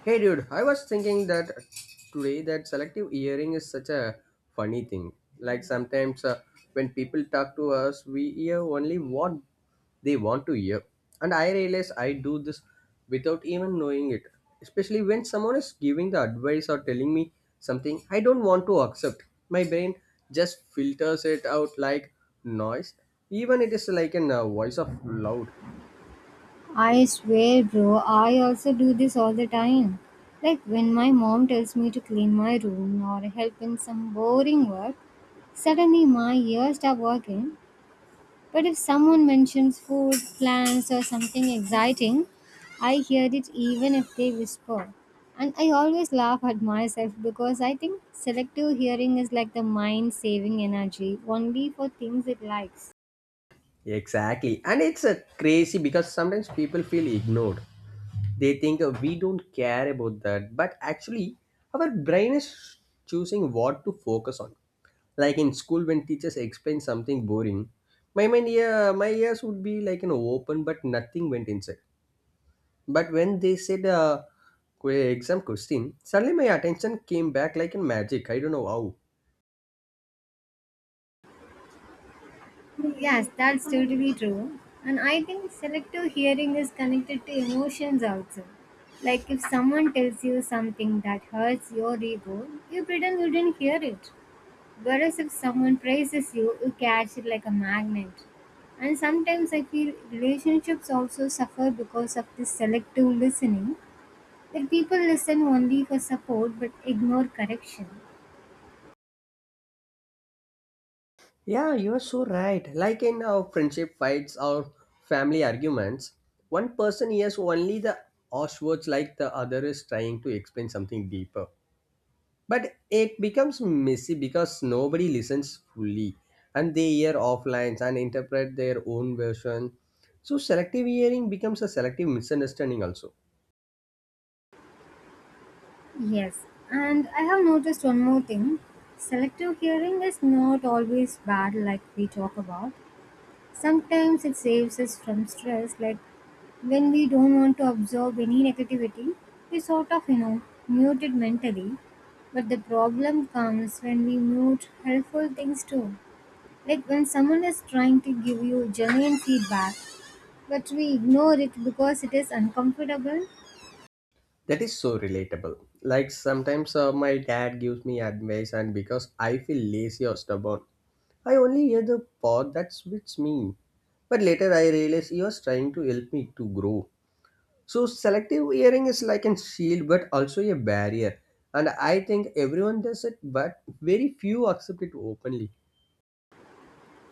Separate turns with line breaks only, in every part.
Hey dude, I was thinking that today that selective hearing is such a funny thing. Like sometimes when people talk to us, we hear only what they want to hear. And I realize I do this without even knowing it. Especially when someone is giving the advice or telling me something I don't want to accept. My brain just filters it out like noise. Even it is like a voice of loud.
I swear, bro, I also do this all the time. Like when my mom tells me to clean my room or help in some boring work, suddenly my ears stop working. But if someone mentions food, plans, or something exciting, I hear it even if they whisper. And I always laugh at myself because I think selective hearing is like the mind saving energy only for things it likes.
Exactly. And it's a crazy because sometimes people feel ignored. They think we don't care about that, but actually our brain is choosing what to focus on. Like in school when teachers explain something boring, my mind, yeah, my ears would be like an open but nothing went inside. But when they said exam question, suddenly my attention came back like in magic. I don't know how.
Yes, that's totally true. And I think selective hearing is connected to emotions also. Like if someone tells you something that hurts your ego, you pretend you didn't hear it. Whereas if someone praises you, you catch it like a magnet. And sometimes I feel relationships also suffer because of this selective listening. Like people listen only for support but ignore correction.
Yeah, you're so right. Like in our friendship fights or family arguments, one person hears only the harsh words like the other is trying to explain something deeper. But it becomes messy because nobody listens fully and they hear off lines and interpret their own version. So selective hearing becomes a selective misunderstanding also.
Yes, and I have noticed one more thing. Selective hearing is not always bad, like we talk about. Sometimes it saves us from stress, like when we don't want to absorb any negativity, we sort of, you know, mute it mentally. But the problem comes when we mute helpful things too. Like when someone is trying to give you genuine feedback, but we ignore it because it is uncomfortable.
That is so relatable. Like sometimes my dad gives me advice and because I feel lazy or stubborn I only hear the part that suits me. But later I realize he was trying to help me to grow. So selective hearing is like a shield but also a barrier. And I think everyone does it, but very few accept it openly.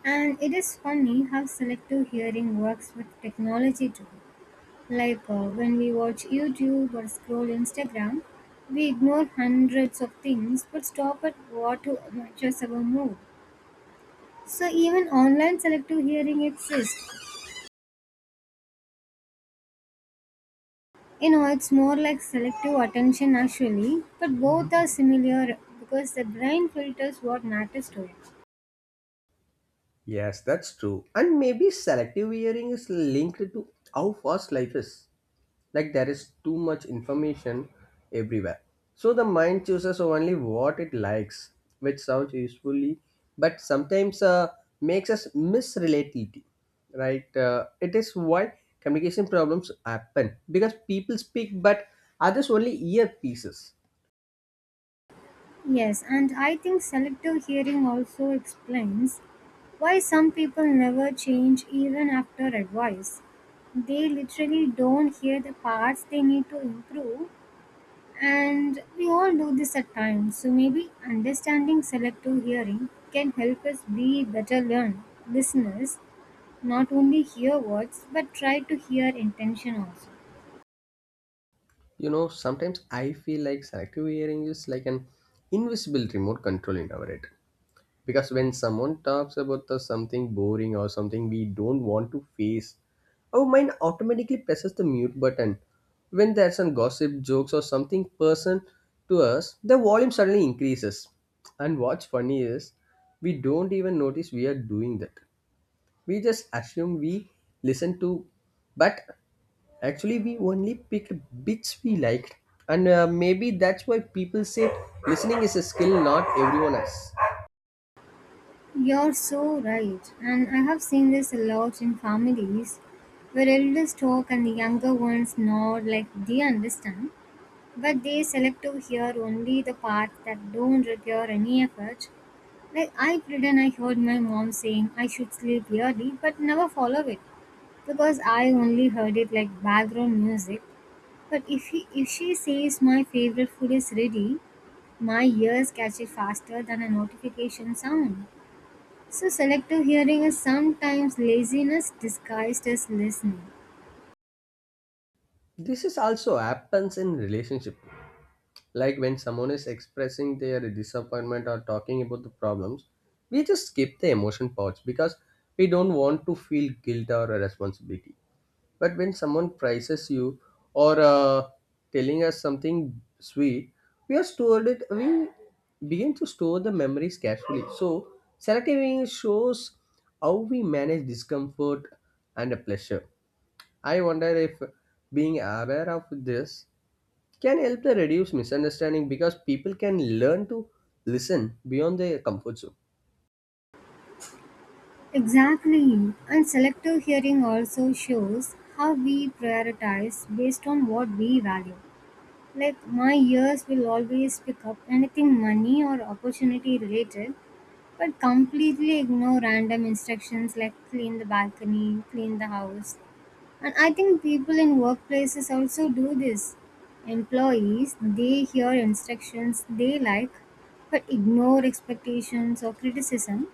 And it is funny how selective hearing works with technology too. Like when we watch YouTube or scroll Instagram, we ignore hundreds of things but stop at what to matches our mood. So even online selective hearing exists. You know, it's more like selective attention actually, but both are similar because the brain filters what matters to it.
Yes, that's true. And maybe selective hearing is linked to how fast life is. Like there is too much information everywhere, so the mind chooses only what it likes, which sounds usefully, but sometimes makes us miss reality, right? It is why communication problems happen because people speak but others only earpieces.
Yes, and I think selective hearing also explains why some people never change even after advice. They literally don't hear the parts they need to improve, and we all do this at times. So maybe understanding selective hearing can help us be better learn listeners, not only hear words but try to hear intention also.
You know, sometimes I feel like selective hearing is like an invisible remote control in our head, because when someone talks about the something boring or something we don't want to face, our mind automatically presses the mute button. When there's some gossip jokes or something person to us, the volume suddenly increases. And what's funny is we don't even notice we are doing that. We just assume we listen to, but actually we only picked bits we liked. And maybe that's why people say listening is a skill not everyone has.
You're so right, and I have seen this a lot in families where elders talk and the younger ones nod like they understand, but they select to hear only the parts that don't require any effort. Like I pretend I heard my mom saying I should sleep early, but never follow it because I only heard it like background music. But if she says my favorite food is ready, my ears catch it faster than a notification sound. So, selective hearing is sometimes laziness disguised as listening.
This is also happens in relationship. Like when someone is expressing their disappointment or talking about the problems, we just skip the emotion parts because we don't want to feel guilt or responsibility. But when someone praises you or telling us something sweet, we are stored it. We begin to store the memories carefully. So selective hearing shows how we manage discomfort and pleasure. I wonder if being aware of this can help to reduce misunderstanding because people can learn to listen beyond their comfort zone.
Exactly. And selective hearing also shows how we prioritize based on what we value. Like, my ears will always pick up anything money or opportunity related, but completely ignore random instructions like clean the balcony, clean the house. And I think people in workplaces also do this. Employees, they hear instructions they like but ignore expectations or criticism.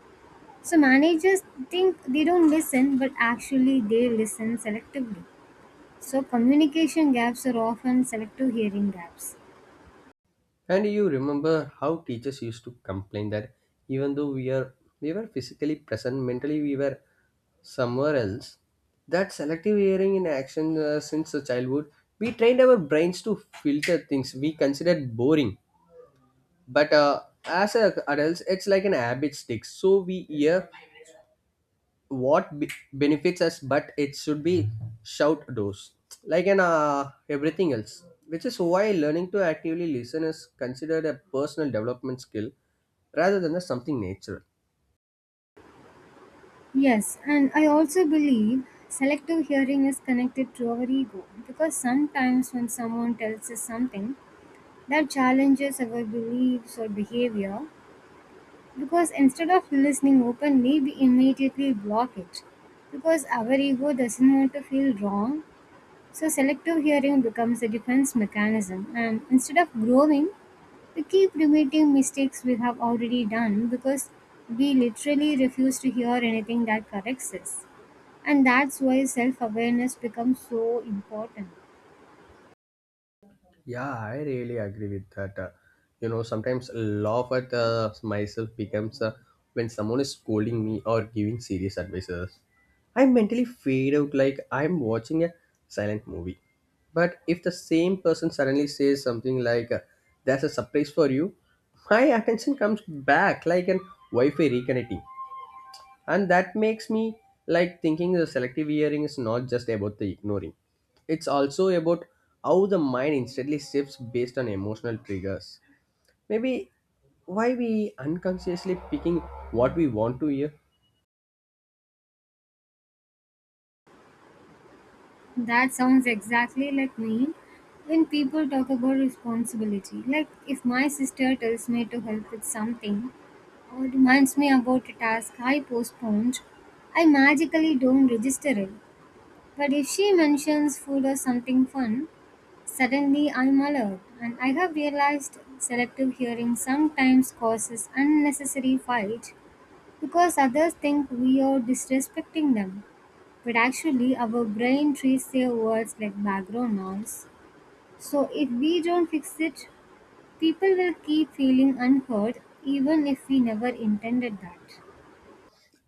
So managers think they don't listen but actually they listen selectively. So communication gaps are often selective hearing gaps.
And you remember how teachers used to complain that even though we were physically present, mentally we were somewhere else. That selective hearing in action, since the childhood, we trained our brains to filter things we considered boring. But as a adults, it's like an habit stick. So we hear what benefits us but it should be shout those like an everything else, which is why learning to actively listen is considered a personal development skill rather than a something natural.
Yes, and I also believe selective hearing is connected to our ego because sometimes when someone tells us something that challenges our beliefs or behavior, because instead of listening openly, we immediately block it. Because our ego doesn't want to feel wrong, so selective hearing becomes a defense mechanism. And instead of growing, we keep repeating mistakes we have already done because we literally refuse to hear anything that corrects us. And that's why self awareness becomes so important.
Yeah, I really agree with that. You know, sometimes laugh at myself becomes when someone is scolding me or giving serious advices. I mentally fade out like I'm watching a silent movie. But if the same person suddenly says something like, "That's a surprise for you," my attention comes back like an Wi-Fi reconnecting, and that makes me like thinking the selective hearing is not just about the ignoring. It's also about how the mind instantly shifts based on emotional triggers. Maybe why we unconsciously picking what we want to hear.
That sounds exactly like me when people talk about responsibility. Like if my sister tells me to help with something or reminds me about a task I postponed, I magically don't register it. But if she mentions food or something fun, suddenly I'm alert. And I have realized selective hearing sometimes causes unnecessary fight because others think we are disrespecting them. But actually our brain trees words like background noise. So if we don't fix it, people will keep feeling unheard even if we never intended that.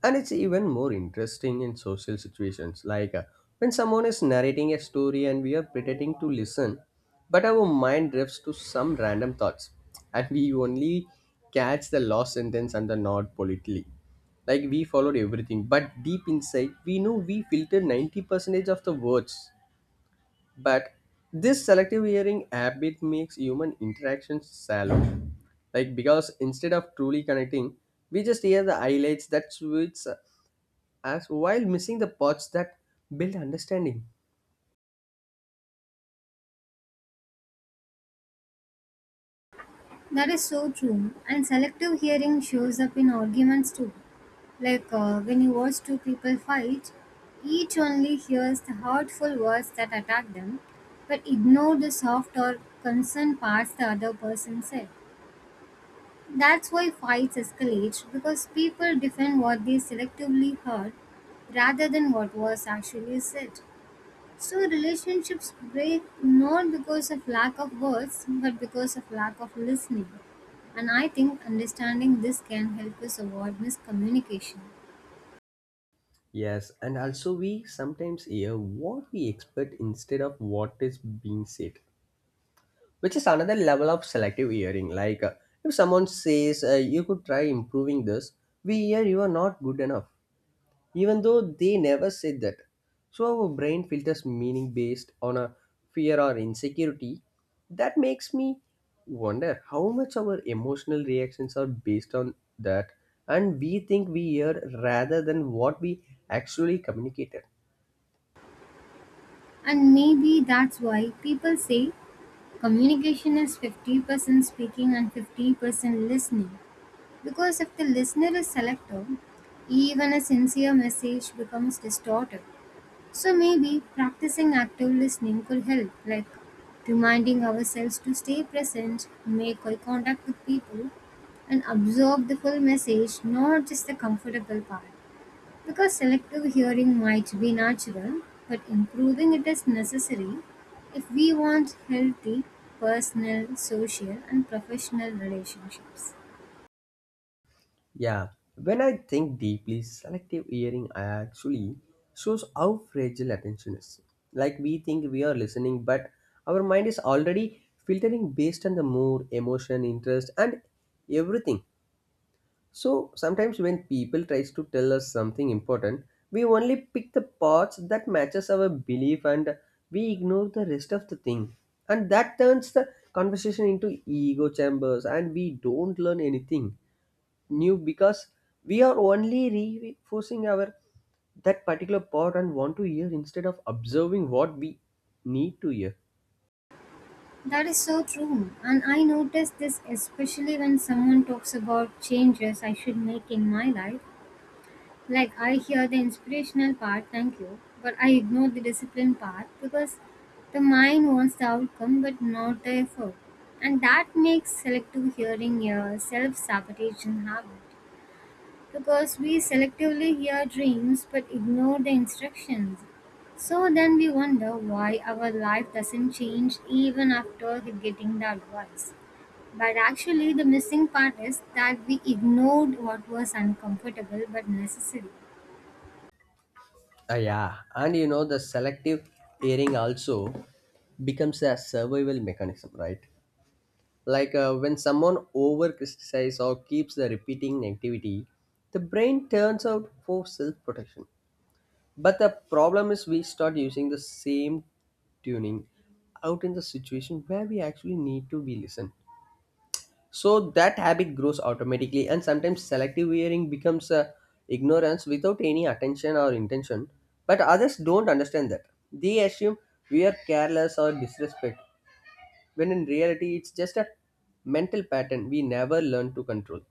And it's even more interesting in social situations, like when someone is narrating a story and we are pretending to listen, but our mind drifts to some random thoughts, and we only catch the last sentence and the nod politely. Like we followed everything, but deep inside, we know we filtered 90% of the words. But this selective hearing habit makes human interactions shallow, like because instead of truly connecting, we just hear the highlights that switch as while missing the parts that build understanding.
That is so true. And selective hearing shows up in arguments too. Like when you watch two people fight, each only hears the hurtful words that attack them, but ignore the soft or concerned parts the other person said. That's why fights escalate because people defend what they selectively heard rather than what was actually said. So relationships break not because of lack of words but because of lack of listening. And I think understanding this can help us avoid miscommunication.
Yes, and also we sometimes hear what we expect instead of what is being said, which is another level of selective hearing. Like if someone says you could try improving this, we hear you are not good enough. Even though they never said that. So our brain filters meaning based on a fear or insecurity. That makes me wonder how much our emotional reactions are based on that, and we think we hear rather than what we actually communicated.
And maybe that's why people say communication is 50% speaking and 50% listening. Because if the listener is selective, even a sincere message becomes distorted. So maybe practicing active listening could help, like reminding ourselves to stay present, make eye contact with people, and absorb the full message, not just the comfortable part. Because selective hearing might be natural, but improving it is necessary if we want healthy personal, social, and professional relationships.
Yeah, when I think deeply, selective hearing actually shows how fragile attention is. Like we think we are listening, but our mind is already filtering based on the mood, emotion, interest, and everything. So sometimes when people tries to tell us something important, we only pick the parts that matches our belief and we ignore the rest of the thing. And that turns the conversation into ego chambers and we don't learn anything new because we are only reinforcing our that particular part and want to hear instead of observing what we need to hear.
That is so true. And I notice this especially when someone talks about changes I should make in my life. Like, I hear the inspirational part, thank you, but I ignore the discipline part because the mind wants the outcome but not the effort. And that makes selective hearing a self sabotaging habit because we selectively hear dreams but ignore the instructions. So then we wonder why our life doesn't change even after getting the advice. But actually, the missing part is that we ignored what was uncomfortable but necessary.
Ah, yeah, and you know the selective hearing also becomes a survival mechanism, right? Like when someone over criticizes or keeps the repeating negativity, the brain turns out for self protection. But the problem is we start using the same tuning out in the situation where we actually need to be listened. So that habit grows automatically, and sometimes selective wearing becomes ignorance without any attention or intention. But others don't understand that. They assume we are careless or disrespect, when in reality, it's just a mental pattern we never learn to control.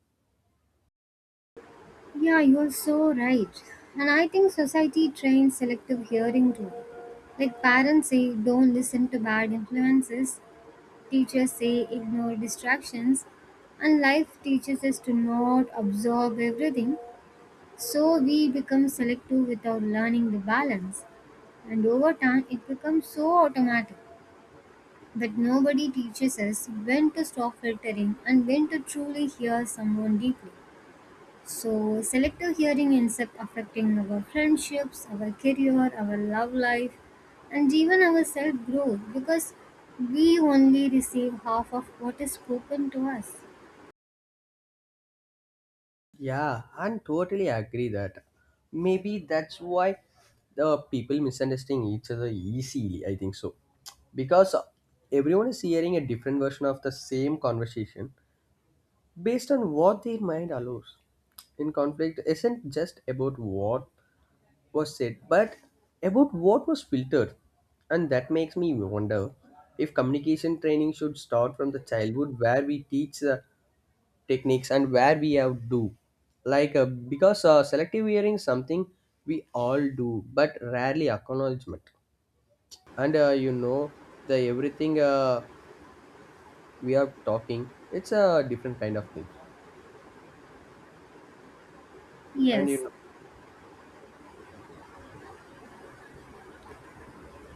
Yeah, you're so right. And I think society trains selective hearing too. Like parents say, don't listen to bad influences, teachers say ignore distractions, and life teaches us to not absorb everything. So we become selective without learning the balance, and over time it becomes so automatic that nobody teaches us when to stop filtering and when to truly hear someone deeply. So, selective hearing ends up affecting our friendships, our career, our love life, and even our self growth because we only receive half of what is spoken to us.
Yeah, I totally agree that. Maybe that's why the people misunderstanding each other easily. I think so, because everyone is hearing a different version of the same conversation based on what their mind allows. In conflict isn't just about what was said, but about what was filtered. And that makes me wonder if communication training should start from the childhood where we teach the techniques and where we have do. Like, because selective hearing is something we all do, but rarely acknowledgement. And you know, the everything we are talking, it's a different kind of thing. And you
Yes,
know,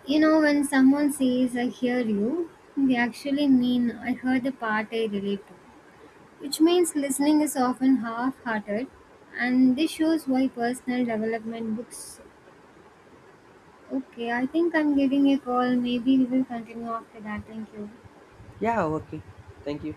you know, when someone says, I hear you, they actually mean, I heard the part I relate to, which means listening is often half hearted, and this shows why personal development books. Okay, I think I'm getting a call. Maybe we will continue after that. Thank you.
yeah, okay. Thank you.